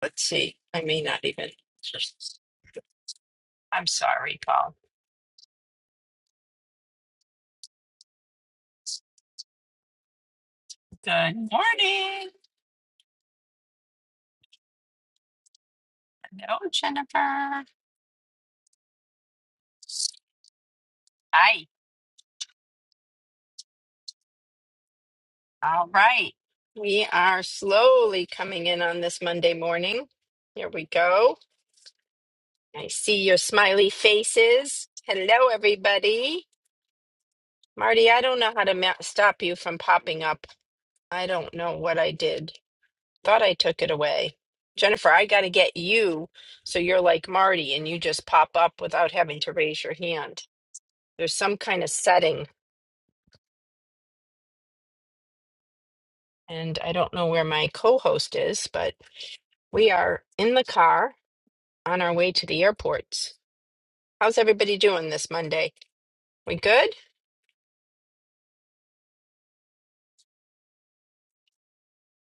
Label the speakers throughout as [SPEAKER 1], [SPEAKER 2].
[SPEAKER 1] Let's see. I may not even. Just. I'm sorry, Paul. Good morning. Hello, Jennifer. Hi. All right. We are slowly coming in on this Monday morning. Here we go. I see your smiley faces. Hello, everybody. Marty, I don't know how to ma- stop you from popping up. I don't know what I did. Thought I took it away. Jennifer, I got to get you so you're like Marty and you just pop up without having to raise your hand. There's some kind of setting, and I don't know where my co-host is, but we are in the car on our way to the airport. How's everybody doing this Monday? We good?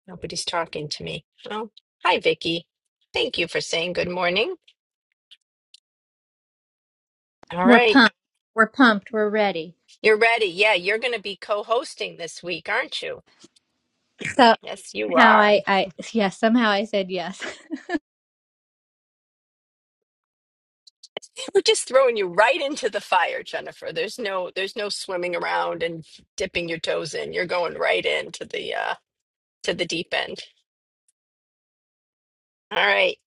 [SPEAKER 1] Nobody's talking to me. Oh, hi, Vicky. Thank you for saying good morning. All
[SPEAKER 2] We're
[SPEAKER 1] right,
[SPEAKER 2] pumped. We're pumped. We're ready.
[SPEAKER 1] you're ready. Yeah, you're going to be co-hosting this week, aren't you?
[SPEAKER 2] So
[SPEAKER 1] Yes, you
[SPEAKER 2] somehow
[SPEAKER 1] are.
[SPEAKER 2] I, I yeah, somehow I said yes.
[SPEAKER 1] We're just throwing you right into the fire, Jennifer. There's no there's no swimming around and dipping your toes in. You're going right into the uh to the deep end. All right.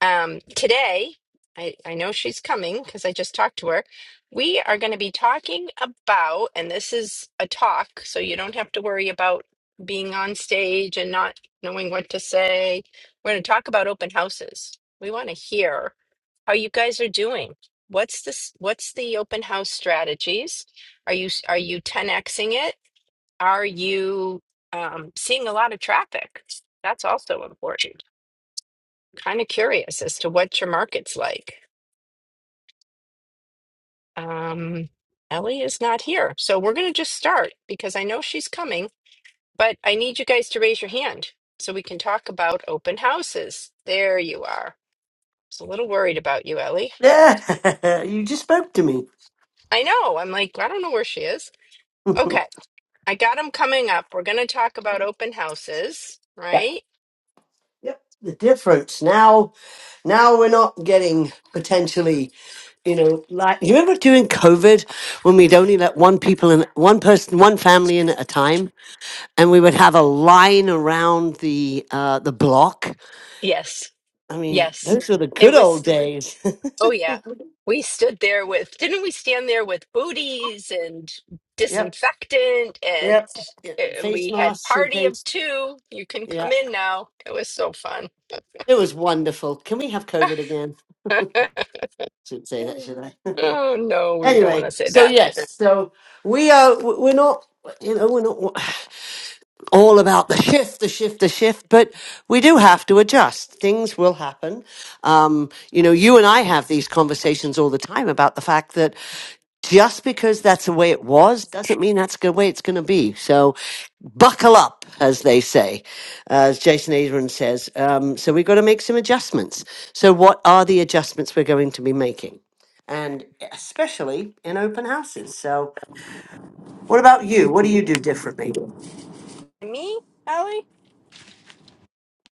[SPEAKER 1] Um, today, I, I know she's coming because I just talked to her. We are going to be talking about, and this is a talk, so you don't have to worry about being on stage and not knowing what to say. We're going to talk about open houses. We want to hear how you guys are doing. What's this? What's the open house strategies? Are you are you 10xing it? Are you um, seeing a lot of traffic? That's also important. kind of curious as to what your market's like. Um, Ellie is not here. So we're going to just start because I know she's coming, but I need you guys to raise your hand so we can talk about open houses. There you are. I was a little worried about you, Ellie.
[SPEAKER 3] Yeah, you just spoke to me.
[SPEAKER 1] I know. I'm like, I don't know where she is. Okay. I got them coming up. We're going to talk about open houses,
[SPEAKER 3] Yep.
[SPEAKER 1] right?
[SPEAKER 3] Yep. The difference now, now we're not getting potentially, you know, like you remember during COVID when we'd only let one people in, one person, one family in at a time, and we would have a line around the uh the block.
[SPEAKER 1] Yes.
[SPEAKER 3] I mean,
[SPEAKER 1] Yes.
[SPEAKER 3] those were the
[SPEAKER 1] It
[SPEAKER 3] good
[SPEAKER 1] was
[SPEAKER 3] old days.
[SPEAKER 1] Oh yeah. We stood there with, didn't we stand there with booties and
[SPEAKER 3] Yep.
[SPEAKER 1] disinfectant and
[SPEAKER 3] Yep. Yeah,
[SPEAKER 1] and
[SPEAKER 3] Face
[SPEAKER 1] we had
[SPEAKER 3] masks in
[SPEAKER 1] party of
[SPEAKER 3] case.
[SPEAKER 1] two. You can
[SPEAKER 3] Yeah.
[SPEAKER 1] come in now. It was so fun.
[SPEAKER 3] It was wonderful. Can we have COVID again? Shouldn't say that, should I?
[SPEAKER 1] oh no, we don't want
[SPEAKER 3] anyway
[SPEAKER 1] to say
[SPEAKER 3] so
[SPEAKER 1] that.
[SPEAKER 3] yes so we are we're not you know we're not all about the shift the shift the shift but we do have to adjust things will happen um, you know you and i have these conversations all the time about the fact that just because that's the way it was doesn't mean that's the way it's going to be. So buckle up, as they say, as Jason Adrian says. Um, so we've got to make some adjustments. So what are the adjustments we're going to be making? And especially in open houses. So what about you? What do you do differently?
[SPEAKER 1] Me, Ellie?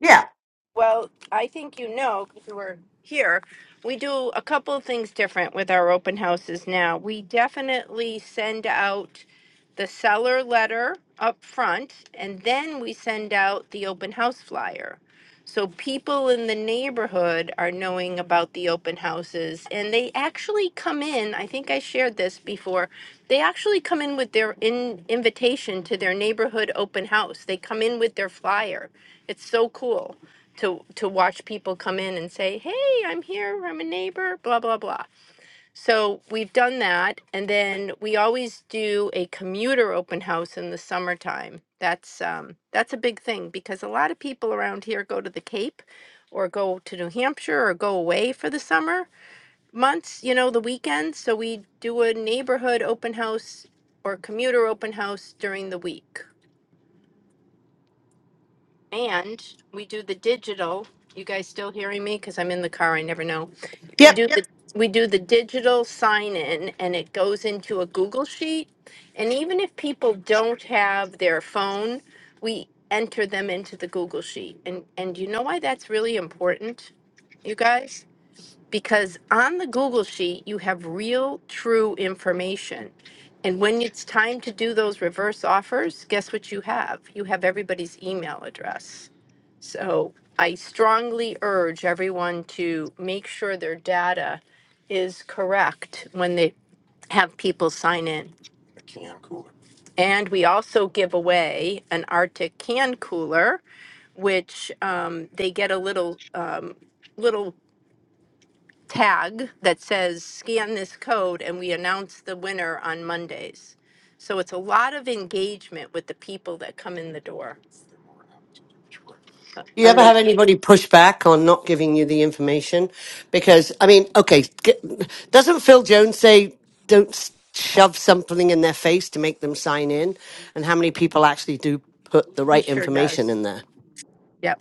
[SPEAKER 3] Yeah.
[SPEAKER 1] Well, I think you know because you were here. We do a couple of things different with our open houses now. We definitely send out the seller letter up front, and then we send out the open house flyer. So people in the neighborhood are knowing about the open houses, and they actually come in. I think I shared this before. They actually come in with their in, invitation to their neighborhood open house. They come in with their flyer. It's so cool to to watch people come in and say, "Hey, I'm here. I'm a neighbor." Blah blah blah. So we've done that, and then we always do a commuter open house in the summertime. That's um, that's a big thing because a lot of people around here go to the Cape, or go to New Hampshire, or go away for the summer months. You know, the weekends. So we do a neighborhood open house or commuter open house during the week. And we do the digital. You guys still hearing me? Because I'm in the car. I never know. We
[SPEAKER 3] Yep.
[SPEAKER 1] do the we do the digital sign in, and it goes into a Google sheet. And even if people don't have their phone, we enter them into the Google sheet. And and you know why that's really important, you guys? Because on the Google sheet you have real, true information. And when it's time to do those reverse offers, guess what you have? You have everybody's email address. So I strongly urge everyone to make sure their data is correct when they have people sign in. And we also give away an Arctic can cooler, which um, they get a little um, little tag that says scan this code, and we announce the winner on Mondays. So it's a lot of engagement with the people that come in the door.
[SPEAKER 3] You
[SPEAKER 1] Um,
[SPEAKER 3] ever
[SPEAKER 1] they
[SPEAKER 3] have
[SPEAKER 1] it,
[SPEAKER 3] anybody push back on not giving you the information? Because I mean, okay, g doesn't Phil Jones say don't s- shove something in their face to make them sign in? And how many people actually do put the
[SPEAKER 1] he
[SPEAKER 3] right
[SPEAKER 1] sure
[SPEAKER 3] information
[SPEAKER 1] does.
[SPEAKER 3] in there?
[SPEAKER 1] Yep.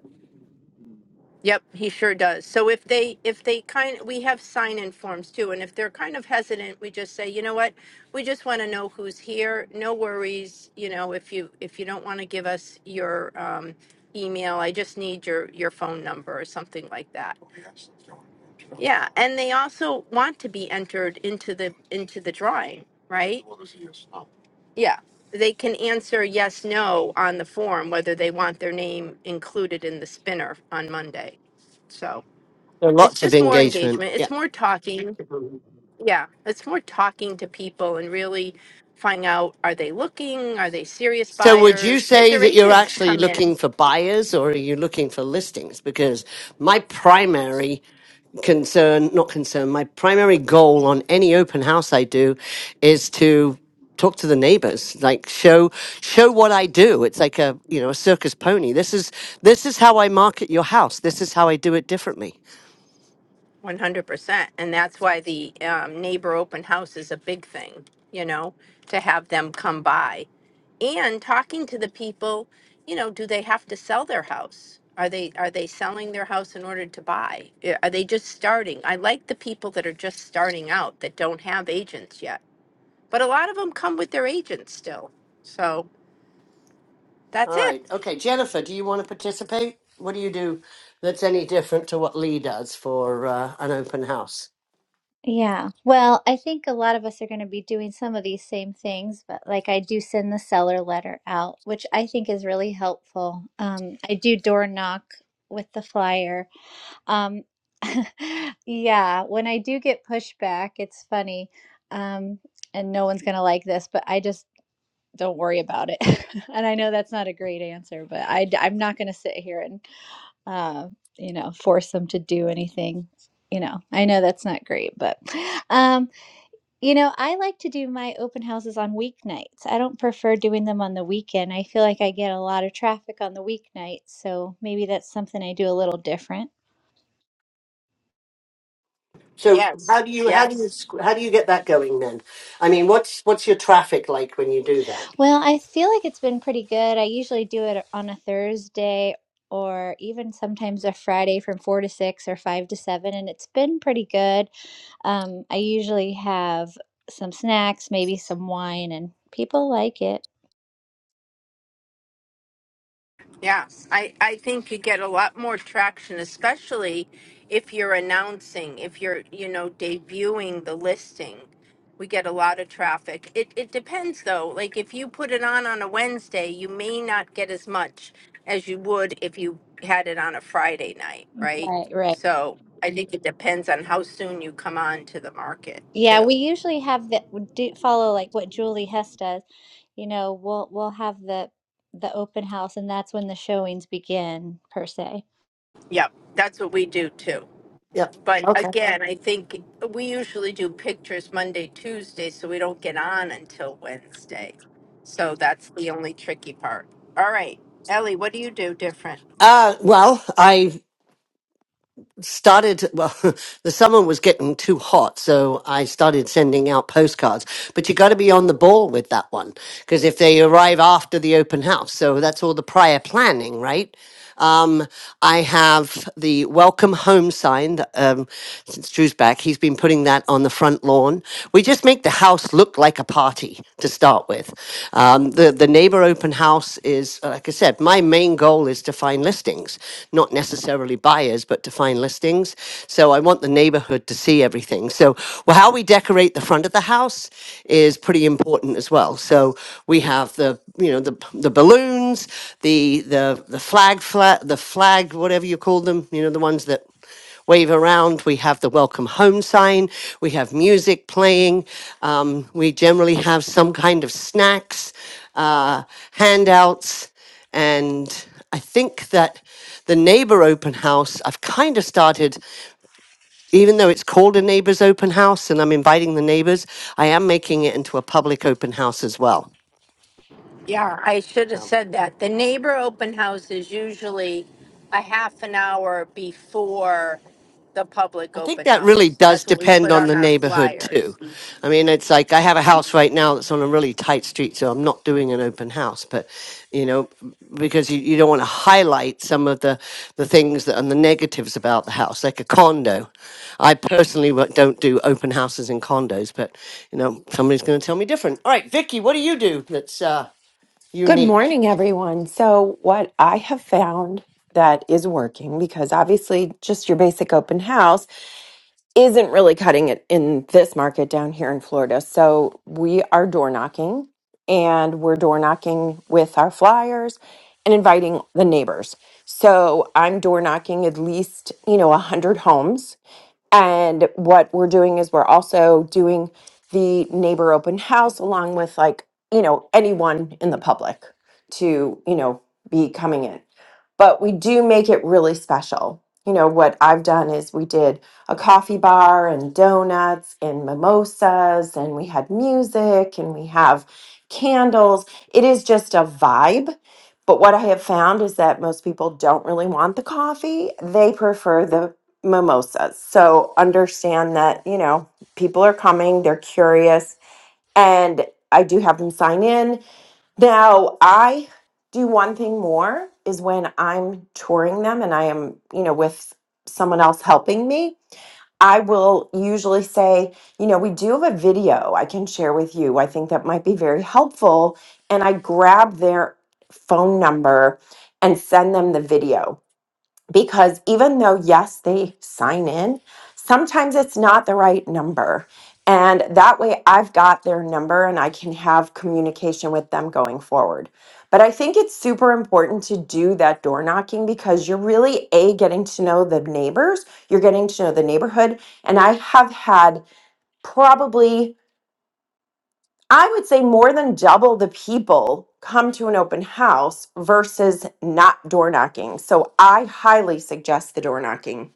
[SPEAKER 1] Yep, he sure does. So if they if they kind we have sign in forms too and if they're kind of hesitant, we just say, "You know what? We just want to know who's here. No worries, you know, if you if you don't want to give us your um email, I just need your your phone number or something like that." Yeah, and they also want to be entered into the into the drawing, right? Yeah they can answer yes, no on the form, whether they want their name included in the spinner on Monday. So
[SPEAKER 3] There are
[SPEAKER 1] it's
[SPEAKER 3] lots of
[SPEAKER 1] just more
[SPEAKER 3] engagement.
[SPEAKER 1] engagement.
[SPEAKER 3] Yeah.
[SPEAKER 1] It's more talking. Yeah, it's more talking to people and really finding out, are they looking? Are they serious
[SPEAKER 3] So would you
[SPEAKER 1] buyers? If
[SPEAKER 3] say
[SPEAKER 1] their
[SPEAKER 3] that you're
[SPEAKER 1] agents
[SPEAKER 3] actually
[SPEAKER 1] come in,
[SPEAKER 3] looking for buyers or are you looking for listings? Because my primary concern, not concern, my primary goal on any open house I do is to talk to the neighbors like show show what i do it's like a you know a circus pony this is this is how i market your house this is how i do it differently
[SPEAKER 1] One hundred percent, and that's why the um, neighbor open house is a big thing, you know, to have them come by, and talking to the people, you know, do they have to sell their house? Are they are they selling their house in order to buy? Eh, Are they just starting? I like the people that are just starting out that don't have agents yet, but a lot of them come with their agents still. So that's
[SPEAKER 3] all
[SPEAKER 1] it.
[SPEAKER 3] right okay jennifer do you want to participate what do you do that's any different to what lee does for uh, an open house
[SPEAKER 2] yeah. Well, I think a lot of us are going to be doing some of these same things, but like I do send the seller letter out, which I think is really helpful. Um, I do door knock with the flyer. Um, yeah. When I do get pushback, it's funny. Um, and no one's going to like this, but I just don't worry about it. and I know that's not a great answer, but I, am not going to sit here and uh, you know, force them to do anything. You know, I know that's not great, but um, you know, I like to do my open houses on weeknights. I don't prefer doing them on the weekend. I feel like I get a lot of traffic on the weeknights, so maybe that's something I do a little different.
[SPEAKER 3] So how
[SPEAKER 1] Yes.
[SPEAKER 3] do you how do you
[SPEAKER 1] Yes.
[SPEAKER 3] squ- how do you get that going then? I mean, what's what's your traffic like when you do that?
[SPEAKER 2] Well, I feel like it's been pretty good. I usually do it on a Thursday or even sometimes a Friday from 4 to 6 or 5 to 7, and it's been pretty good. Um, I usually have some snacks, maybe some wine, and people like it.
[SPEAKER 1] Yeah, I, I think you get a lot more traction, especially if you're announcing, if you're, you know, debuting the listing. We get a lot of traffic. It, it depends though. Like if you put it on on a Wednesday, you may not get as much as you would if you had it on a Friday night, right?
[SPEAKER 2] Right, right.
[SPEAKER 1] So I think it depends on how soon you come on to the market
[SPEAKER 2] Yeah,
[SPEAKER 1] too.
[SPEAKER 2] we usually have that. We do follow like what Julie Hess does. You know, we'll we'll have the the open house, and that's when the showings begin per se.
[SPEAKER 1] Yep, that's what we do too.
[SPEAKER 3] Yep.
[SPEAKER 1] But
[SPEAKER 3] Okay.
[SPEAKER 1] again, I think we usually do pictures Monday, Tuesday, so we don't get on until Wednesday. So that's the only tricky part. All right, Ellie, what do you do different?
[SPEAKER 3] Uh, well, I started, well, the summer was getting too hot, so I started sending out postcards. But you got to be on the ball with that one. because if they arrive after the open house, so that's all the prior planning, right? Um, I have the welcome home sign that, um, since Drew's back. He's been putting that on the front lawn. We just make the house look like a party to start with. Um, the the neighbor open house is, uh, like I said, my main goal is to find listings, not necessarily buyers, but to find listings. So I want the neighborhood to see everything. So well, how we decorate decorate the front of the house is pretty important as well. So we have the you know the the balloons, the the the flag flag the flag whatever you call them, you know the ones that wave around. We have the welcome home sign. We have music playing. Um, we generally have some kind of snacks, uh, handouts, and I think that the neighbor open house, I've kind of started even though it's called a neighbors open house and I'm inviting the neighbors, I am making it into a public open house as well.
[SPEAKER 1] Yeah, I should have
[SPEAKER 3] So
[SPEAKER 1] said that. The neighbor open house is usually a half an hour before the public
[SPEAKER 3] I think
[SPEAKER 1] open
[SPEAKER 3] that really
[SPEAKER 1] house.
[SPEAKER 3] does
[SPEAKER 1] That's what we
[SPEAKER 3] depend
[SPEAKER 1] put
[SPEAKER 3] on
[SPEAKER 1] on
[SPEAKER 3] the
[SPEAKER 1] our
[SPEAKER 3] neighborhood too.
[SPEAKER 1] flyers.
[SPEAKER 3] I mean, it's like I have a house right now that's on a really tight street, so I'm not doing an open house, but you know, because you, you don't want to highlight some of the, the things that and the negatives about the house, like a condo. I personally wo- don't do open houses in condos, but you know, somebody's going to tell me different. All right, Vicky, what do you do that's uh,
[SPEAKER 4] Good
[SPEAKER 3] unique?
[SPEAKER 4] morning, everyone. So, what I have found that is working, because obviously just your basic open house isn't really cutting it in this market down here in Florida. So, we are door knocking and we're door knocking with our flyers and inviting the neighbors. So, I'm door knocking at least, you know, 100 homes and what we're doing is we're also doing the neighbor open house along with like, you know, anyone in the public to, you know, be coming in but we do make it really special. You know, what I've done is we did a coffee bar and donuts and mimosas, and we had music and we have candles. It is just a vibe. But what I have found is that most people don't really want the coffee, they prefer the mimosas. So understand that, you know, people are coming, they're curious. And I do have them sign in now, I do one thing more is when I'm touring them and I am, you know, with someone else helping me, I will usually say, you know, we do have a video I can share with you. I think that might be very helpful. And I grab their phone number and send them the video because even though yes they sign in sometimes it's not the right number and that way i've got their number and i can have communication with them going forward but i think it's super important to do that door knocking because you're really a getting to know the neighbors you're getting to know the neighborhood and i have had probably i would say more than double the people come to an open house versus not door knocking so i highly suggest the door knocking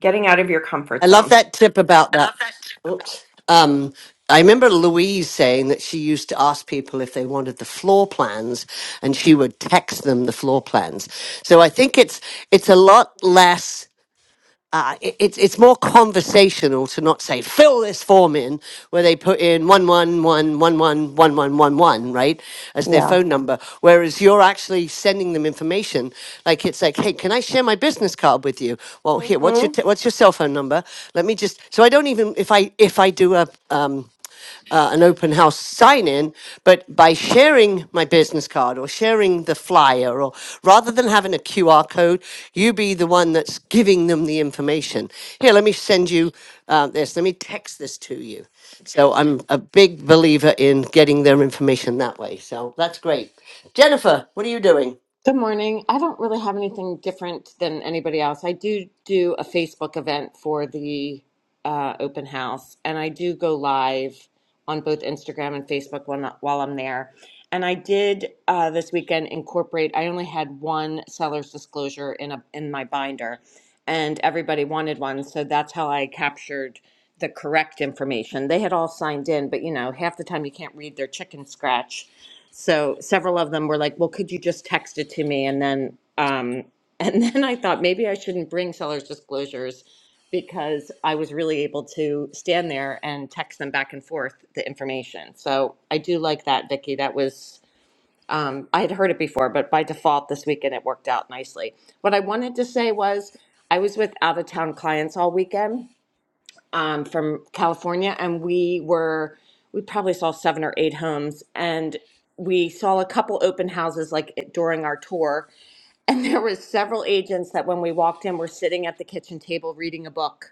[SPEAKER 4] Getting out of your
[SPEAKER 3] I
[SPEAKER 4] comfort
[SPEAKER 3] love
[SPEAKER 4] zone.
[SPEAKER 3] that tip about that. Oops. Um, I remember Louise saying that she used to ask people if they wanted the floor plans, and she would text them the floor plans. So I think it's it's a lot less uh, it, it's it's more conversational to not say fill this form in where they put in one one one one one one one one one right as their
[SPEAKER 4] Yeah.
[SPEAKER 3] phone number, whereas you're actually sending them information like it's like hey can I share my business card with you? Well here what's
[SPEAKER 4] hmm
[SPEAKER 3] your t- what's your cell phone number? Let me just so I don't even if I if I do a um uh, an open house sign in, but by sharing my business card or sharing the flyer, or rather than having a QR code, you be the one that's giving them the information. Here, let me send you uh, this. Let me text this to you. So I'm a big believer in getting their information that way. So that's great. Jennifer, what are you doing?
[SPEAKER 5] Good morning. I don't really have anything different than anybody else. I do do a Facebook event for the uh, open house, and I do go live on both Instagram and Facebook when, while I'm there. And I did uh, this weekend incorporate. I only had one seller's disclosure in a in my binder, and everybody wanted one, so that's how I captured the correct information. They had all signed in, but you know, half the time you can't read their chicken scratch so several of them were like well could you just text it to me and then um and then i thought maybe i shouldn't bring seller's disclosures because i was really able to stand there and text them back and forth the information so i do like that vicki that was um, i had heard it before but by default this weekend it worked out nicely what i wanted to say was i was with out of town clients all weekend um, from California, and we were we probably saw seven or eight homes, and we saw a couple open houses like it- during our tour, and there was several agents that when we walked in were sitting at the kitchen table reading a book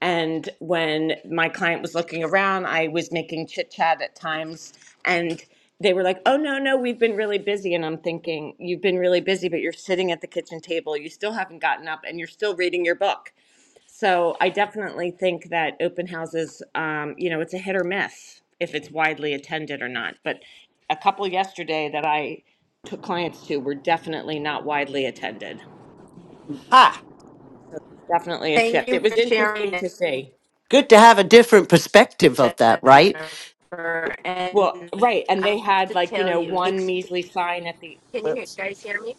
[SPEAKER 5] and when my client was looking around, I was making chit chat at times. And they were like, oh, no, no, we've been really busy. And I'm thinking, you've been really busy, but you're sitting at the kitchen table. You still haven't gotten up and you're still reading your book. So I definitely think that open houses, um, you know, it's a hit or miss if it's widely attended or not. But a couple yesterday that I took clients to were definitely not widely attended.
[SPEAKER 3] Ha!
[SPEAKER 5] So there's definitely a
[SPEAKER 1] Thank
[SPEAKER 5] shift.
[SPEAKER 1] you
[SPEAKER 5] It was
[SPEAKER 1] for sharing
[SPEAKER 5] interesting to see.
[SPEAKER 3] Good to have a different perspective
[SPEAKER 1] this,
[SPEAKER 3] of that, right?
[SPEAKER 1] Jennifer.
[SPEAKER 5] Well,
[SPEAKER 1] And
[SPEAKER 5] right, and
[SPEAKER 1] I
[SPEAKER 5] they
[SPEAKER 1] have
[SPEAKER 5] had
[SPEAKER 1] to
[SPEAKER 5] like, you
[SPEAKER 1] tell
[SPEAKER 5] know,
[SPEAKER 1] you,
[SPEAKER 5] one
[SPEAKER 1] ex-
[SPEAKER 5] measly sign at the
[SPEAKER 1] can you
[SPEAKER 3] Oops.
[SPEAKER 1] guys hear me?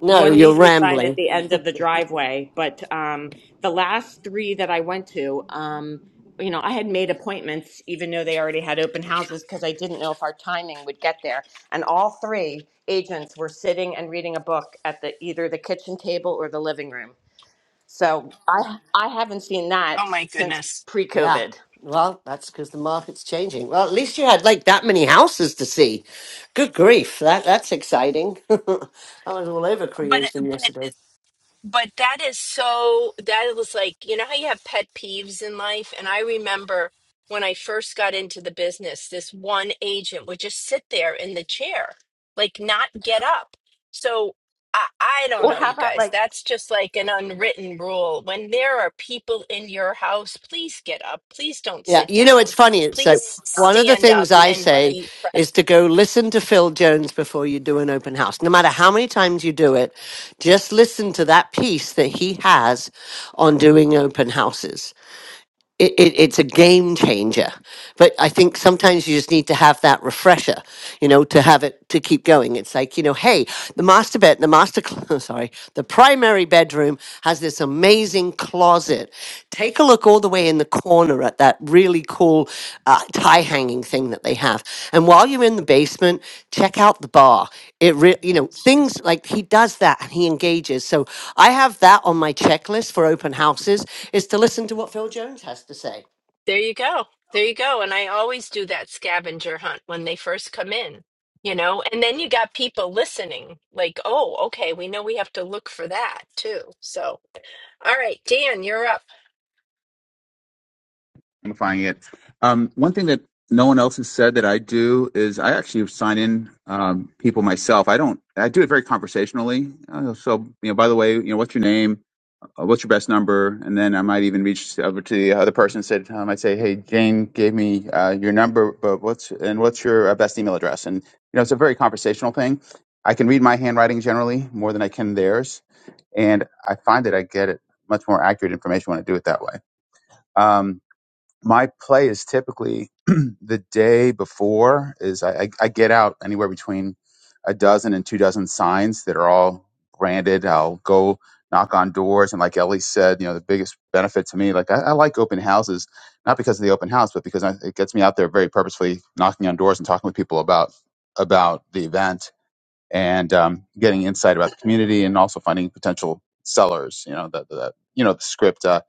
[SPEAKER 3] No,
[SPEAKER 5] one
[SPEAKER 3] you're
[SPEAKER 5] measly sign
[SPEAKER 3] rambling.
[SPEAKER 5] at the end of the driveway, but um the last three that I went to, um you know, I had made appointments even though they already had open houses because I didn't know if our timing would get there. And all three agents were sitting and reading a book at the either the kitchen table or the living room. So, I I haven't seen that
[SPEAKER 1] Oh my
[SPEAKER 5] since
[SPEAKER 1] goodness.
[SPEAKER 3] Yeah.
[SPEAKER 5] pre-COVID.
[SPEAKER 3] Well, that's because the market's changing. Well, at least you had like that many houses to see. Good grief. That that's exciting. I was all over
[SPEAKER 1] But
[SPEAKER 3] creation
[SPEAKER 1] but
[SPEAKER 3] yesterday.
[SPEAKER 1] but that is so that was like, you know how you have pet peeves in life? And I remember when I first got into the business, this one agent would just sit there in the chair, like not get up. So I, I don't
[SPEAKER 5] Or
[SPEAKER 1] know,
[SPEAKER 5] how
[SPEAKER 1] you
[SPEAKER 5] about
[SPEAKER 1] guys.
[SPEAKER 5] like
[SPEAKER 1] That's just like an unwritten rule. When there are people in your house, please get up. Please don't
[SPEAKER 3] Yeah,
[SPEAKER 1] sit
[SPEAKER 3] you know it's
[SPEAKER 1] down.
[SPEAKER 3] funny. It's so
[SPEAKER 1] Please
[SPEAKER 3] one of the
[SPEAKER 1] stand
[SPEAKER 3] things
[SPEAKER 1] up
[SPEAKER 3] I
[SPEAKER 1] and
[SPEAKER 3] say
[SPEAKER 1] be present
[SPEAKER 3] is to go listen to Phil Jones before you do an open house. No matter how many times you do it, just listen to that piece that he has on doing open houses it, it, it's a game changer. But I think sometimes you just need to have that refresher, you know, to have it to keep going. It's like, you know, hey, the master bed, the master, cl- sorry, the primary bedroom has this amazing closet. Take a look all the way in the corner corner at that really cool uh, tie hanging thing that they have. And while you're in the basement, check out the bar. It really, you know, things like he does that and he engages. So I have that on my checklist for open houses is to listen to what Phil Jones has to say.
[SPEAKER 1] There you go. There you go. And I always do that scavenger hunt when they first come in, you know? And then you got people listening, like, oh, okay, we know we have to look for that too. So, all right, Dan, you're up.
[SPEAKER 6] amplifying it. Um, one thing that no one else has said that I do is I actually sign in um, people myself. I don't. I do it very conversationally. Uh, so you know, by the way, you know, what's your name? Uh, what's your best number? And then I might even reach over to the other person. and Said I would say, hey, Jane gave me uh, your number, but what's and what's your uh, best email address? And you know, it's a very conversational thing. I can read my handwriting generally more than I can theirs, and I find that I get it much more accurate information when I do it that way. Um, my play is typically the day before is I, I, I get out anywhere between a dozen and two dozen signs that are all branded. I'll go knock on doors. And like Ellie said, you know, the biggest benefit to me, like I, I like open houses, not because of the open house, but because I, it gets me out there very purposefully knocking on doors and talking with people about, about the event and um, getting insight about the community and also finding potential sellers, you know, the, the, you know, the script. Uh,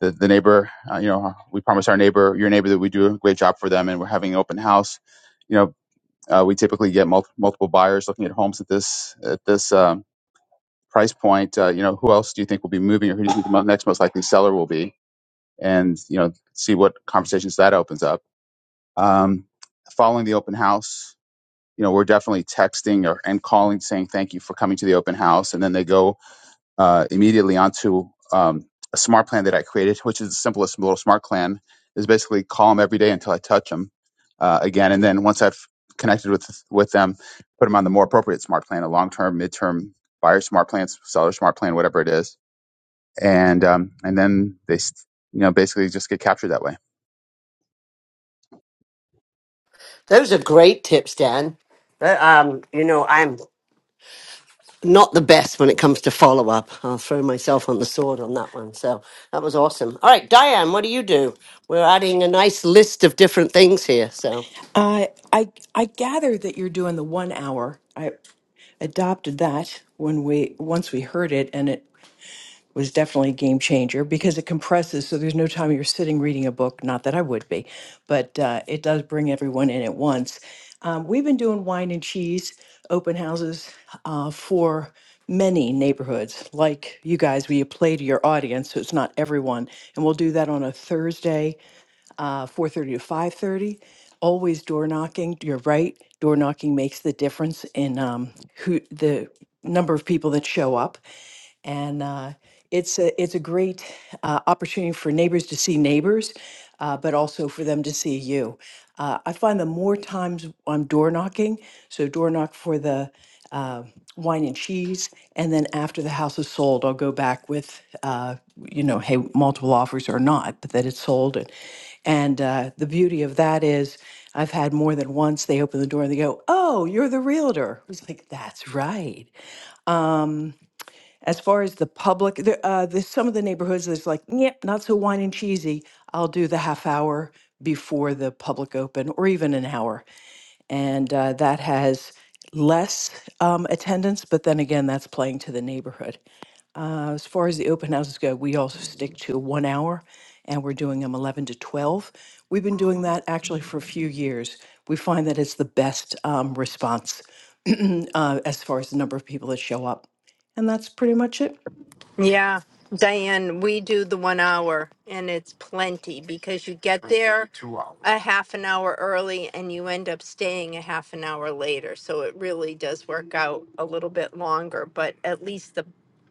[SPEAKER 6] the, the neighbor, uh, you know, we promise our neighbor, your neighbor, that we do a great job for them, and we're having an open house. You know, uh, we typically get mul- multiple buyers looking at homes at this at this um, price point. Uh, you know, who else do you think will be moving, or who do you think the mo- next most likely seller will be? And you know, see what conversations that opens up. Um, following the open house, you know, we're definitely texting or and calling, saying thank you for coming to the open house, and then they go uh, immediately onto um, a smart plan that I created, which is the simplest little smart plan. Is basically call them every day until I touch them uh, again, and then once I've connected with with them, put them on the more appropriate smart plan, a long term, mid term buyer smart plan, seller smart plan, whatever it is and um, and then they s- you know basically just get captured that way.
[SPEAKER 3] Those are great tips, Dan. But, um, you know, I'm not the best when it comes to follow up. I'll throw myself on the sword on that one. So that was awesome. All right, Diane, what do you do? We're adding a nice list of different things here. So
[SPEAKER 7] I I I gather that you're doing the one hour. I adopted that when we once we heard it, and it was definitely a game changer because it compresses, so there's no time you're sitting reading a book. Not that I would be, but uh, it does bring everyone in at once. Um, we've been doing wine and cheese open houses uh, for many neighborhoods, like you guys, where you play to your audience, so it's not everyone. And we'll do that on a Thursday uh, 4.30 to 5.30 always door knocking you're right door knocking makes the difference in um, who the number of people that show up and uh, it's a it's a great uh, opportunity for neighbors to see neighbors, uh, but also for them to see you. Uh, I find the more times I'm door knocking, so door knock for the uh, wine and cheese, and then after the house is sold, I'll go back with uh, you know, hey, multiple offers or not, but that it's sold, and. And uh, the beauty of that is, I've had more than once they open the door and they go, "Oh, you're the realtor." I was like, "That's right." As far as the public, the, uh, there's some of the neighborhoods that's like, "Yep, not so wine and cheesy." I'll do the half hour before the public open, or even an hour, and uh, that has less um, attendance. But then again, that's playing to the neighborhood. Uh, as far as the open houses go, we also stick to one hour and we're doing them 11 to 12. We've been doing that actually for a few years. We find that it's the best um, response uh, as far as the number of people that show up. And that's pretty much it.
[SPEAKER 1] Yeah, Diane, we do the one hour and it's plenty because you get I think there two hours. a half an hour early and you end up staying a half an hour later. So it really does work out a little bit longer, but at least the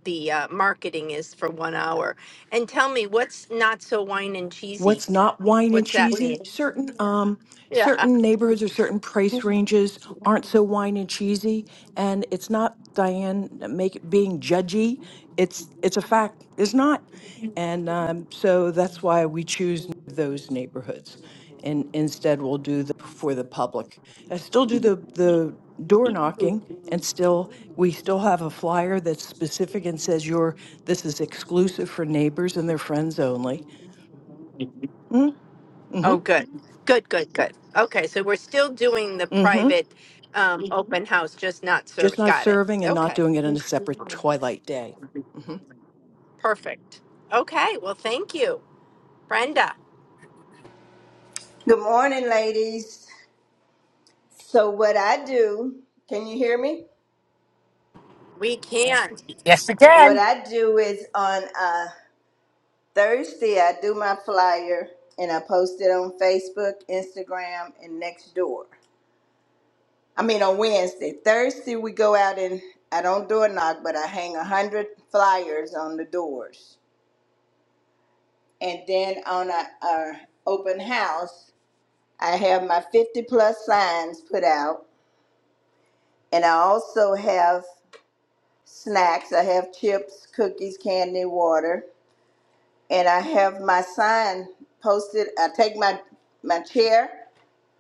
[SPEAKER 1] the uh, marketing is for one hour. And tell me, what's not so wine and cheesy?
[SPEAKER 7] what's not wine and
[SPEAKER 1] What's that
[SPEAKER 7] cheesy.
[SPEAKER 1] mean?
[SPEAKER 7] Certain um
[SPEAKER 1] Yeah.
[SPEAKER 7] certain neighborhoods or certain price ranges aren't so wine and cheesy, and it's not Diane make being judgy. It's it's a fact. It's not, and um, so that's why we choose those neighborhoods, and instead we'll do the for the public. I still do the the door knocking and still we still have a flyer that's specific and says you're this is exclusive for neighbors and their friends only Hmm.
[SPEAKER 1] Oh, good, good, good, good. Okay, so we're still doing the
[SPEAKER 7] Mm-hmm.
[SPEAKER 1] private um, open house, just not
[SPEAKER 7] Just
[SPEAKER 1] serve.
[SPEAKER 7] not
[SPEAKER 1] Got it.
[SPEAKER 7] serving and not
[SPEAKER 1] Okay.
[SPEAKER 7] doing it on a separate twilight day. Mm-hmm.
[SPEAKER 1] Perfect. Okay. Well, thank you, Brenda.
[SPEAKER 8] Good morning, ladies. So, what I do, can you hear me?
[SPEAKER 1] We can.
[SPEAKER 3] Yes,
[SPEAKER 8] What
[SPEAKER 3] again.
[SPEAKER 8] I do is on uh, Thursday, I do my flyer and I post it on Facebook, Instagram, and Nextdoor. I mean, on Wednesday. Thursday, we go out and I don't do a knock, but I hang a 100 flyers on the doors. And then on our, our open house, I have my 50 plus signs put out. And I also have snacks. I have chips, cookies, candy, water, and I have my sign posted. I take my my chair,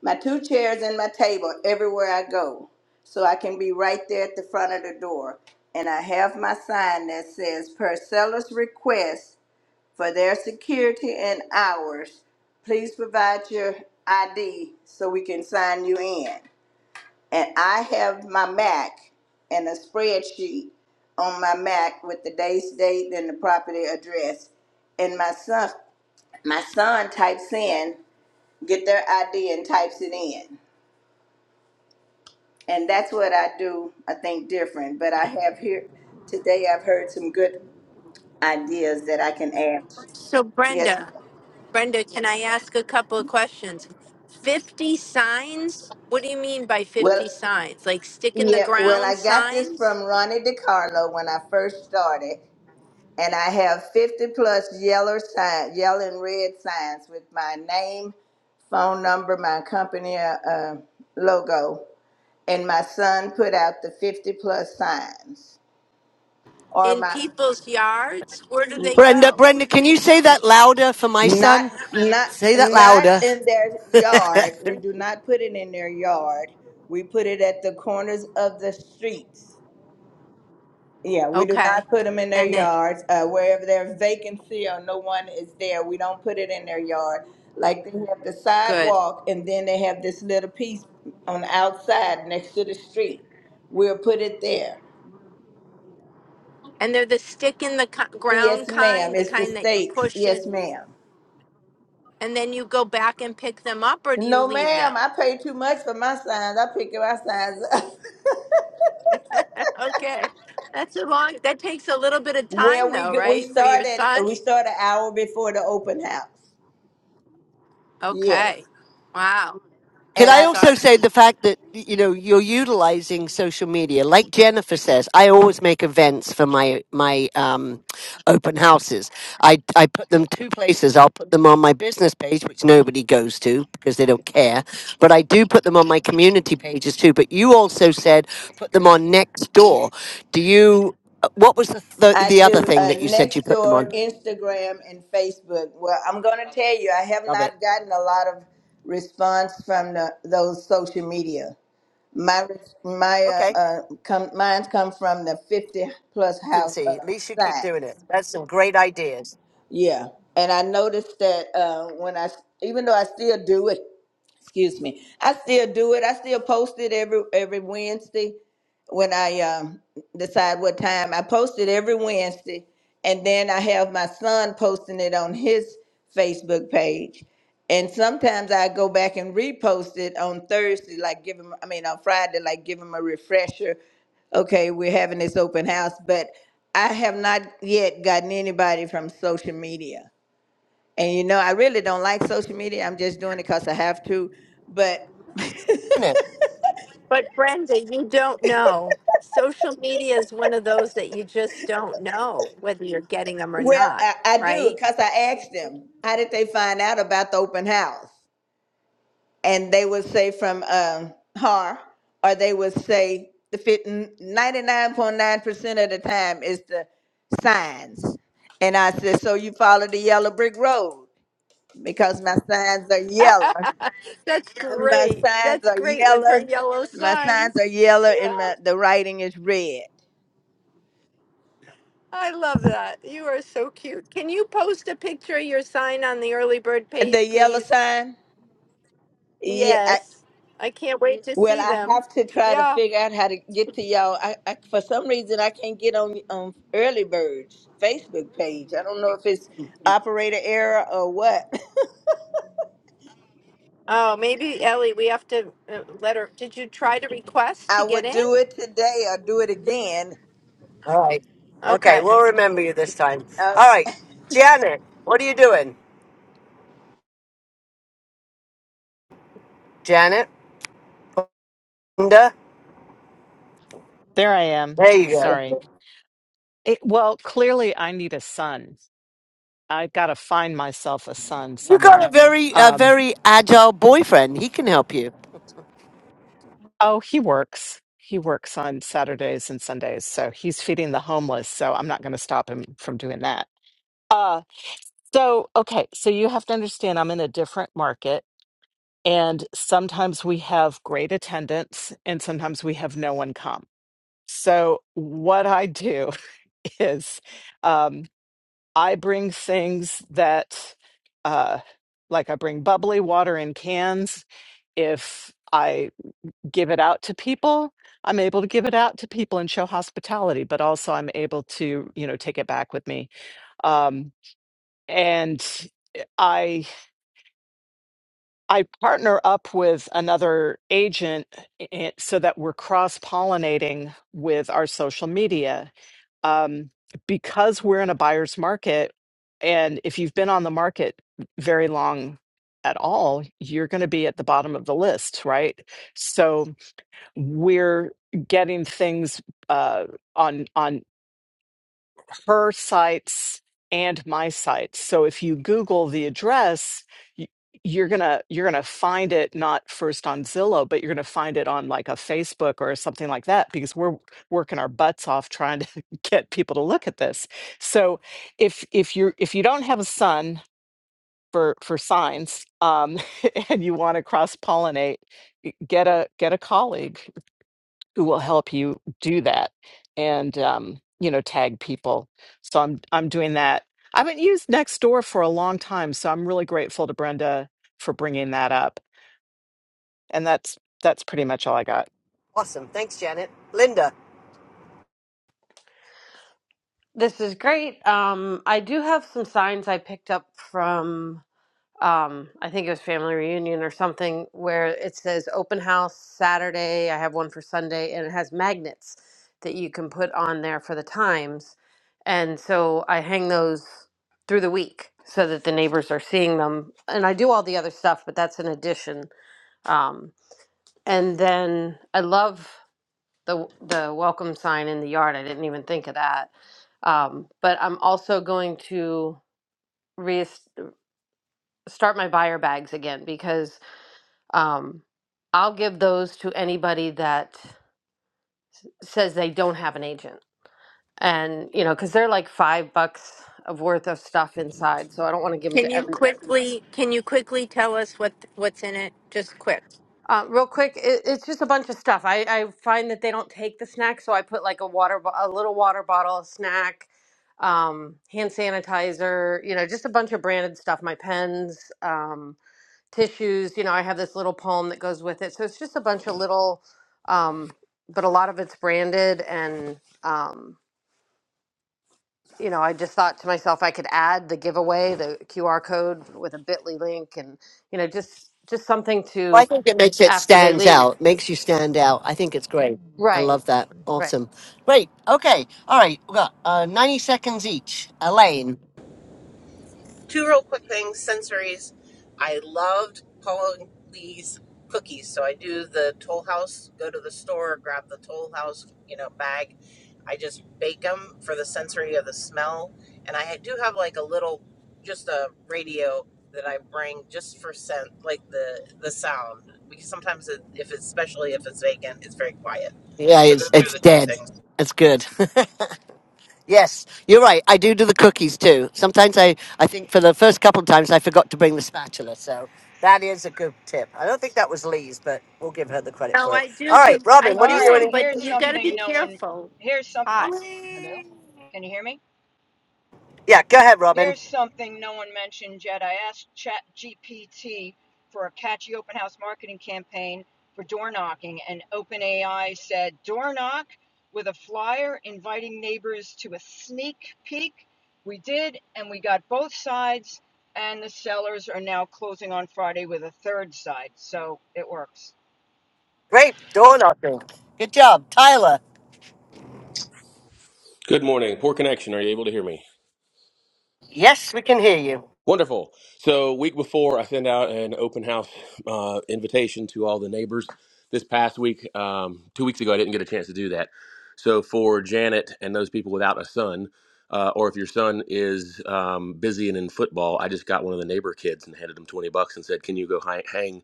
[SPEAKER 8] my two chairs, and my table everywhere I go, so I can be right there at the front of the door. And I have my sign that says, "Per seller's request for their security and ours, please provide your ID so we can sign you in." and I have my Mac and a spreadsheet on my Mac with the day's date and the property address. And my son, my son types in, get their ID and types it in. And that's what I do. I think different, but I have here today. I've heard some good ideas that I can add.
[SPEAKER 1] So,
[SPEAKER 8] Yes, ma'am.
[SPEAKER 1] Brenda, Brenda, can I ask a couple of questions? 50 signs? What do you mean by
[SPEAKER 8] well,
[SPEAKER 1] 50 signs? Like stick in the
[SPEAKER 8] yeah, well,
[SPEAKER 1] ground
[SPEAKER 8] I got this
[SPEAKER 1] signs
[SPEAKER 8] from Ronnie DiCarlo when I first started. And I have 50 plus yellow sign, yellow and red signs with my name, phone number, my company uh, uh, logo. And my son put out the 50 plus signs or
[SPEAKER 1] in
[SPEAKER 8] my
[SPEAKER 1] people's yards? Where do they
[SPEAKER 3] Brenda,
[SPEAKER 1] go?
[SPEAKER 3] Brenda, can you say that louder for my
[SPEAKER 8] not
[SPEAKER 3] son?
[SPEAKER 8] not
[SPEAKER 3] Say that
[SPEAKER 8] not
[SPEAKER 3] louder.
[SPEAKER 8] in their yard. We do not put it in their yard. We put it at the corners of the streets Yeah, we do
[SPEAKER 1] Okay.
[SPEAKER 8] not put them in their
[SPEAKER 1] And then,
[SPEAKER 8] yards. Uh, wherever there's vacancy or no one is there, we don't put it in their yard. Like they have the
[SPEAKER 1] good.
[SPEAKER 8] sidewalk and then they have this little piece on the outside next to the street. We'll put it there.
[SPEAKER 1] And they're the stick in the co- ground
[SPEAKER 8] Yes, ma'am.
[SPEAKER 1] kind, the
[SPEAKER 8] It's the
[SPEAKER 1] kind that you
[SPEAKER 8] stakes.
[SPEAKER 1] push
[SPEAKER 8] Yes,
[SPEAKER 1] in,
[SPEAKER 8] ma'am.
[SPEAKER 1] and then you go back and pick them up, or do you
[SPEAKER 8] No,
[SPEAKER 1] leave
[SPEAKER 8] ma'am.
[SPEAKER 1] them?
[SPEAKER 8] I pay too much for my signs. I pick my signs up.
[SPEAKER 1] okay. That's a long, that takes a little bit of
[SPEAKER 8] Well,
[SPEAKER 1] time
[SPEAKER 8] we
[SPEAKER 1] though,
[SPEAKER 8] g- we
[SPEAKER 1] right? For your
[SPEAKER 8] started
[SPEAKER 1] son?
[SPEAKER 8] we start an hour before the open house. Yes,
[SPEAKER 1] Okay. Wow.
[SPEAKER 3] Can
[SPEAKER 8] and
[SPEAKER 3] I
[SPEAKER 8] I
[SPEAKER 1] That's
[SPEAKER 3] also say
[SPEAKER 1] awesome.
[SPEAKER 3] the fact that you know you're utilizing social media, like Jennifer says? I always make events for my my um, open houses. I I put them two places. I'll put them on my business page, which nobody goes to because they don't care. But I do put them on my community pages too. But you also said put them on next door. Do you? uh, What was the th-
[SPEAKER 8] I
[SPEAKER 3] the other
[SPEAKER 8] do
[SPEAKER 3] thing
[SPEAKER 8] uh,
[SPEAKER 3] that you said you
[SPEAKER 8] next
[SPEAKER 3] put them
[SPEAKER 8] door,
[SPEAKER 3] on?
[SPEAKER 8] Instagram, and Facebook. Well, I'm going to tell you, I have
[SPEAKER 3] Love
[SPEAKER 8] not gotten a lot of response from the, those social media. My
[SPEAKER 3] it.
[SPEAKER 8] my uh, uh come mine's come from the 50 plus house uh,
[SPEAKER 3] consistency. At least you keep
[SPEAKER 8] side.
[SPEAKER 3] doing it. That's some great ideas.
[SPEAKER 8] Yeah, and I noticed that uh, when I even though I still do it, excuse me i still do it i still post it every every wednesday when i um, decide what time i post it every wednesday and then i have my son posting it on his facebook page and sometimes i go back and repost it on thursday like give him i mean on friday like give him a refresher okay we're having this open house but i have not yet gotten anybody from social media and you know, I really don't like social media. I'm just doing it because I have to. But
[SPEAKER 3] Doing it.
[SPEAKER 1] But Brenda, you don't know. Social media is one of those that you just don't know whether you're getting them or
[SPEAKER 8] well,
[SPEAKER 1] not,
[SPEAKER 8] I, I do
[SPEAKER 1] right?
[SPEAKER 8] because I asked them, how did they find out about the open house? And they would say from um, her, or they would say the fit- 99.9% of the time is the signs. And I said, so you follow the yellow brick road because my signs are yellow.
[SPEAKER 1] That's
[SPEAKER 8] And my
[SPEAKER 1] great.
[SPEAKER 8] signs
[SPEAKER 1] That's
[SPEAKER 8] are
[SPEAKER 1] great with her
[SPEAKER 8] yellow.
[SPEAKER 1] yellow
[SPEAKER 8] My signs are
[SPEAKER 1] signs.
[SPEAKER 8] yellow and
[SPEAKER 1] Yeah,
[SPEAKER 8] my, the writing is red.
[SPEAKER 1] I love that. You are so cute. Can you post a picture of your sign on the early bird
[SPEAKER 8] The
[SPEAKER 1] page,
[SPEAKER 8] yellow
[SPEAKER 1] please?
[SPEAKER 8] sign? Yeah. I,
[SPEAKER 1] Yes. I can't wait to
[SPEAKER 8] well,
[SPEAKER 1] see
[SPEAKER 8] I
[SPEAKER 1] them.
[SPEAKER 8] have to try to
[SPEAKER 1] Yeah.
[SPEAKER 8] figure out how to get to y'all. I, I for some reason I can't get on on Early Bird's Facebook page. I don't know if it's operator error or what.
[SPEAKER 1] Oh, maybe Ellie, we have to uh, let her. Did you try to request to
[SPEAKER 8] I
[SPEAKER 1] get
[SPEAKER 8] would
[SPEAKER 1] in?
[SPEAKER 8] do it today or do it again.
[SPEAKER 3] All right. Okay,
[SPEAKER 1] Okay.
[SPEAKER 3] we'll remember you this time.
[SPEAKER 8] Uh,
[SPEAKER 3] All right, Janet, what are you doing? Janet, Linda,
[SPEAKER 9] There I am.
[SPEAKER 3] there you
[SPEAKER 9] Sorry.
[SPEAKER 3] go.
[SPEAKER 9] It, well, clearly I need a son. I've got to find myself a son
[SPEAKER 3] You got a
[SPEAKER 9] somewhere.
[SPEAKER 3] very, a
[SPEAKER 9] Um,
[SPEAKER 3] very agile boyfriend. He can help you.
[SPEAKER 9] oh, he works. He works on Saturdays and Sundays, so he's feeding the homeless. So I'm not going to stop him from doing that. Uh, so okay, so you have to understand I'm in a different market, and sometimes we have great attendance, and sometimes we have no one come. So what I do is. um, I bring things that, uh, like I bring bubbly water in cans. If I give it out to people, I'm able to give it out to people and show hospitality, but also I'm able to, you know, take it back with me. Um, and I I partner up with another agent i- i- so that we're cross pollinating with our social media um, because we're in a buyer's market, and if you've been on the market very long at all, you're going to be at the bottom of the list, right? So we're getting things uh, on on her sites and my sites. So if you Google the address, y- you're gonna you're gonna find it not first on Zillow, but you're gonna find it on like a Facebook or something like that because we're working our butts off trying to get people to look at this. So if if you are if you don't have a son for for signs um, and you want to cross pollinate, get a get a colleague who will help you do that and um, you know tag people so i'm i'm doing that i haven't used nextdoor for a long time so i'm really grateful to brenda for bringing that up and that's that's pretty much all i got
[SPEAKER 3] Awesome. Thanks, Janet. Linda.
[SPEAKER 10] This is great. Um, I do have some signs I picked up from, um, I think it was Family Reunion or something, where it says open house Saturday. I have one for Sunday, and it has magnets that you can put on there for the times. And so I hang those through the week so that the neighbors are seeing them. And I do all the other stuff, but that's an addition. Um, and then I love the the welcome sign in the yard. I didn't even think of that. Um, but I'm also going to re start my buyer bags again because um, I'll give those to anybody that says they don't have an agent, and you know, because they're like five bucks of worth of stuff inside, so I don't want to give them
[SPEAKER 1] Can
[SPEAKER 10] to
[SPEAKER 1] you
[SPEAKER 10] everybody.
[SPEAKER 1] quickly can you quickly tell us what what's in it? Just quick.
[SPEAKER 10] Uh, real quick, it, it's just a bunch of stuff. I, I find that they don't take the snack, so I put like a water, bo- a little water bottle, a snack, um, hand sanitizer, you know, just a bunch of branded stuff. My pens, um, tissues, you know, I have this little poem that goes with it. So it's just a bunch of little, um, but a lot of it's branded. And, um, you know, I just thought to myself, I could add the giveaway, the QR code with a bit.ly link and, you know, just, just something
[SPEAKER 3] Well, I
[SPEAKER 10] to
[SPEAKER 3] think it makes it
[SPEAKER 10] after they
[SPEAKER 3] stands
[SPEAKER 10] leave.
[SPEAKER 3] out, makes you stand out. I think it's great. I
[SPEAKER 10] Right.
[SPEAKER 3] love that.
[SPEAKER 10] Right.
[SPEAKER 3] Awesome. Great. Okay. All right. We got uh, 90 seconds each. Elaine.
[SPEAKER 11] Two real quick things, sensories. I loved Pauline Lee's cookies. So I do the Toll House, go to the store, grab the Toll House, you know, bag. I just bake them for the sensory of the smell. And I do have like a little, just a radio that I bring just for scent, like the the sound. Because sometimes it, if it's, especially if it's vacant, it's very quiet.
[SPEAKER 3] Yeah,
[SPEAKER 11] So those
[SPEAKER 3] it's,
[SPEAKER 11] are
[SPEAKER 3] it's
[SPEAKER 11] the two
[SPEAKER 3] dead.
[SPEAKER 11] things.
[SPEAKER 3] It's good. yes, you're right. I do do the cookies too. Sometimes I, I think for the first couple of times I forgot to bring the spatula. So that is a good tip. I don't think that was Lee's, but we'll give her the credit
[SPEAKER 1] No,
[SPEAKER 3] for it.
[SPEAKER 1] I do
[SPEAKER 3] All
[SPEAKER 1] do
[SPEAKER 3] right,
[SPEAKER 1] I
[SPEAKER 3] Robin,
[SPEAKER 12] All
[SPEAKER 3] what are you
[SPEAKER 1] do
[SPEAKER 12] right,
[SPEAKER 3] doing?
[SPEAKER 1] them, but
[SPEAKER 12] here's
[SPEAKER 1] you got to be
[SPEAKER 12] something no one.
[SPEAKER 1] careful.
[SPEAKER 12] Here's
[SPEAKER 1] It's
[SPEAKER 12] some.
[SPEAKER 3] in-
[SPEAKER 1] hot.
[SPEAKER 12] Hello?
[SPEAKER 3] Lee?
[SPEAKER 12] Can you hear me?
[SPEAKER 3] Yeah, go ahead, Robin.
[SPEAKER 12] Here's something no one mentioned yet. I asked ChatGPT for a catchy open house marketing campaign for door knocking, and OpenAI said door knock with a flyer inviting neighbors to a sneak peek. We did, and we got both sides, and the sellers are now closing on Friday with a third side, so it works.
[SPEAKER 3] Great. Door knocking. Good job. Tyler.
[SPEAKER 13] Good morning. Poor connection. Are you able to hear me?
[SPEAKER 3] Yes, we can hear you.
[SPEAKER 13] Wonderful. So, week before, I sent out an open house uh, invitation to all the neighbors. This past week, um, two weeks ago, I didn't get a chance to do that. So, for Janet and those people without a son, uh, or if your son is um, busy and in football, I just got one of the neighbor kids and handed him 20 bucks and said, Can you go hi- hang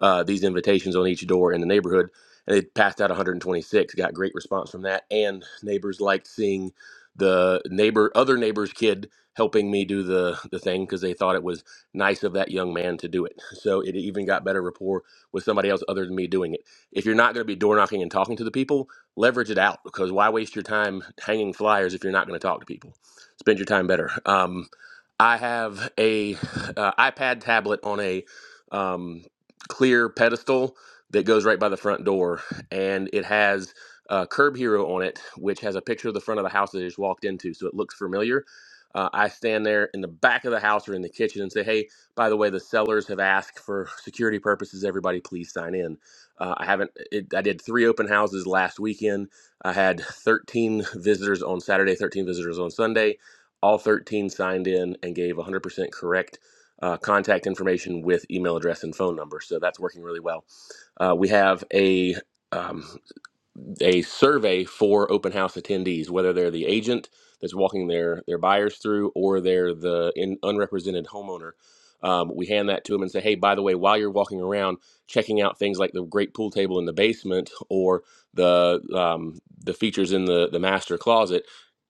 [SPEAKER 13] uh, these invitations on each door in the neighborhood? And they passed out 126, got great response from that. And neighbors liked seeing the neighbor, other neighbor's kid helping me do the the thing because they thought it was nice of that young man to do it. So it even got better rapport with somebody else other than me doing it. If you're not going to be door knocking and talking to the people, leverage it out because why waste your time hanging flyers if you're not going to talk to people? Spend your time better. Um, I have a uh, iPad tablet on a um, clear pedestal that goes right by the front door, and it has uh, Curb Hero on it, which has a picture of the front of the house that I just walked into, so it looks familiar uh, I stand there in the back of the house or in the kitchen and say, "Hey, by the way, the sellers have asked for security purposes. Everybody, please sign in." Uh, I haven't. It, I did three open houses last weekend. I had 13 visitors on Saturday, 13 visitors on Sunday. All 13 signed in and gave 100% correct uh, contact information with email address and phone number. So that's working really well. Uh, we have a um, a survey for open house attendees, whether they're the agent that's walking their their buyers through or they're the in, unrepresented homeowner. Um, we hand that to them and say, hey, by the way, while you're walking around, checking out things like the great pool table in the basement or the um, the features in the the master closet,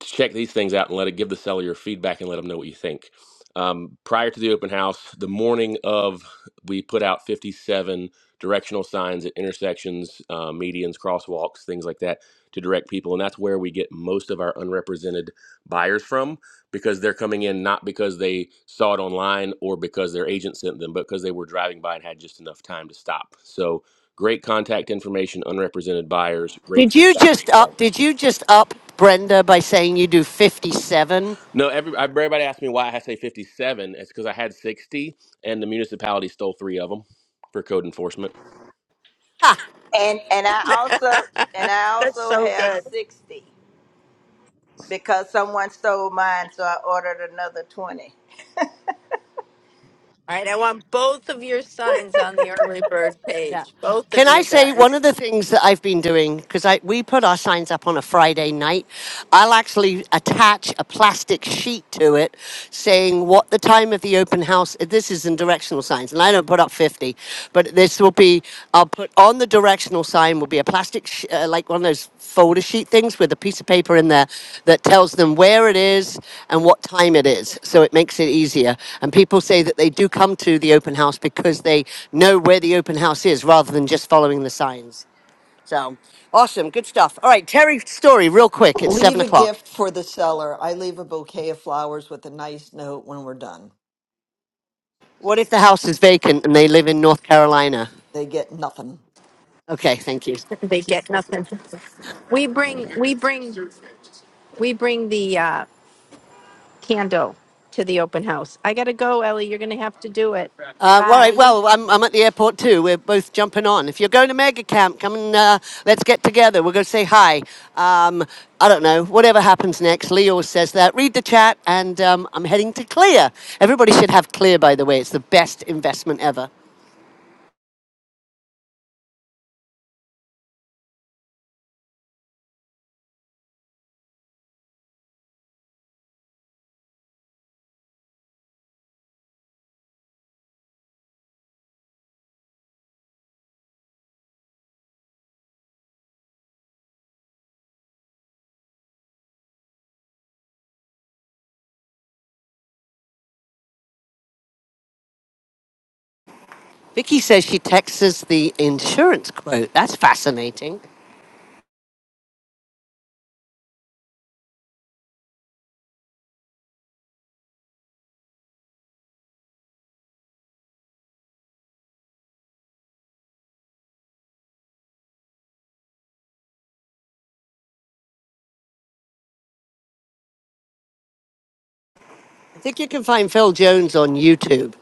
[SPEAKER 13] check these things out and let it give the seller your feedback and let them know what you think. Um, prior to the open house, the morning of, we put out 57 directional signs at intersections, uh, medians, crosswalks, things like that to direct people. And that's where we get most of our unrepresented buyers from because they're coming in not because they saw it online or because their agent sent them, but because they were driving by and had just enough time to stop. So great contact information, unrepresented buyers, great
[SPEAKER 3] Did you
[SPEAKER 13] feedback from the
[SPEAKER 3] just up?
[SPEAKER 13] sellers.
[SPEAKER 3] Did you just up Brenda by saying you do fifty-seven?
[SPEAKER 13] No, every, everybody asked me why I say 57. It's because I had 60 and the municipality stole three of them for code enforcement.
[SPEAKER 3] Ha!
[SPEAKER 8] and and I also and I
[SPEAKER 1] That's
[SPEAKER 8] also
[SPEAKER 1] so
[SPEAKER 8] have
[SPEAKER 1] good.
[SPEAKER 8] sixty because someone stole mine, so I ordered another twenty.
[SPEAKER 1] All right, I want both of your signs on the early bird
[SPEAKER 3] Yeah.
[SPEAKER 1] page. Both of
[SPEAKER 3] Can I
[SPEAKER 1] you
[SPEAKER 3] say one
[SPEAKER 1] guys.
[SPEAKER 3] of the things that I've been doing because I we put our signs up on a Friday night. I'll actually attach a plastic sheet to it saying what the time of the open house. This is in directional signs, and I don't put up fifty, but this will be. I'll put on the A directional sign will be a plastic, sh- uh, like one of those folder sheet things with a piece of paper in there that tells them where it is and what time it is. So it makes it easier. And people say that they do come to the open house because they know where the open house is rather than just following the signs. So awesome, good stuff. All right, Terry, story real quick. It's seven
[SPEAKER 14] Leave a
[SPEAKER 3] o'clock.
[SPEAKER 14] gift for the seller. I leave a bouquet of flowers with a nice note when we're done.
[SPEAKER 3] What if the house is vacant and they live in North Carolina?
[SPEAKER 14] They get nothing.
[SPEAKER 3] Okay, thank you.
[SPEAKER 1] They get nothing. We bring we bring we bring the uh, candle to the open house. I gotta go, Ellie. You're gonna have to do it.
[SPEAKER 3] Uh, all right.
[SPEAKER 1] Bye.
[SPEAKER 3] Well, I'm, I'm at the airport too. We're both jumping on. If you're going to Mega Camp, come and uh, let's get together. we will go say hi. Um, I don't know. Whatever happens next, Leo says that. Read the chat, and um, I'm heading to Clear. Everybody should have Clear, by the way. It's the best investment ever. Vicky says she texts us the insurance quote. That's fascinating. I think you can find Phil Jones on YouTube.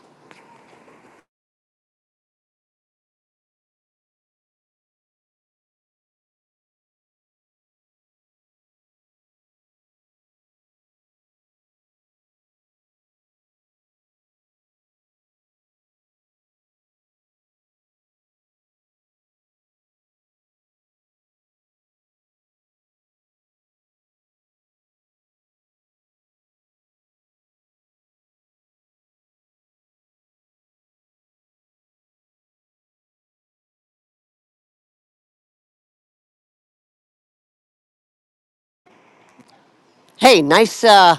[SPEAKER 3] Hey, nice. Uh,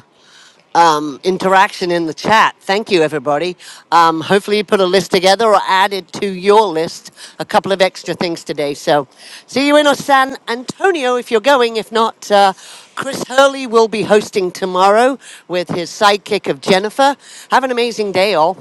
[SPEAKER 3] um, interaction in the chat. Thank you, everybody. Um, hopefully, you put a list together or added to your list a couple of extra things today. So, see you in San Antonio if you're going. If not, uh, Chris Hurley will be hosting tomorrow with his sidekick of Jennifer. Have an amazing day, all.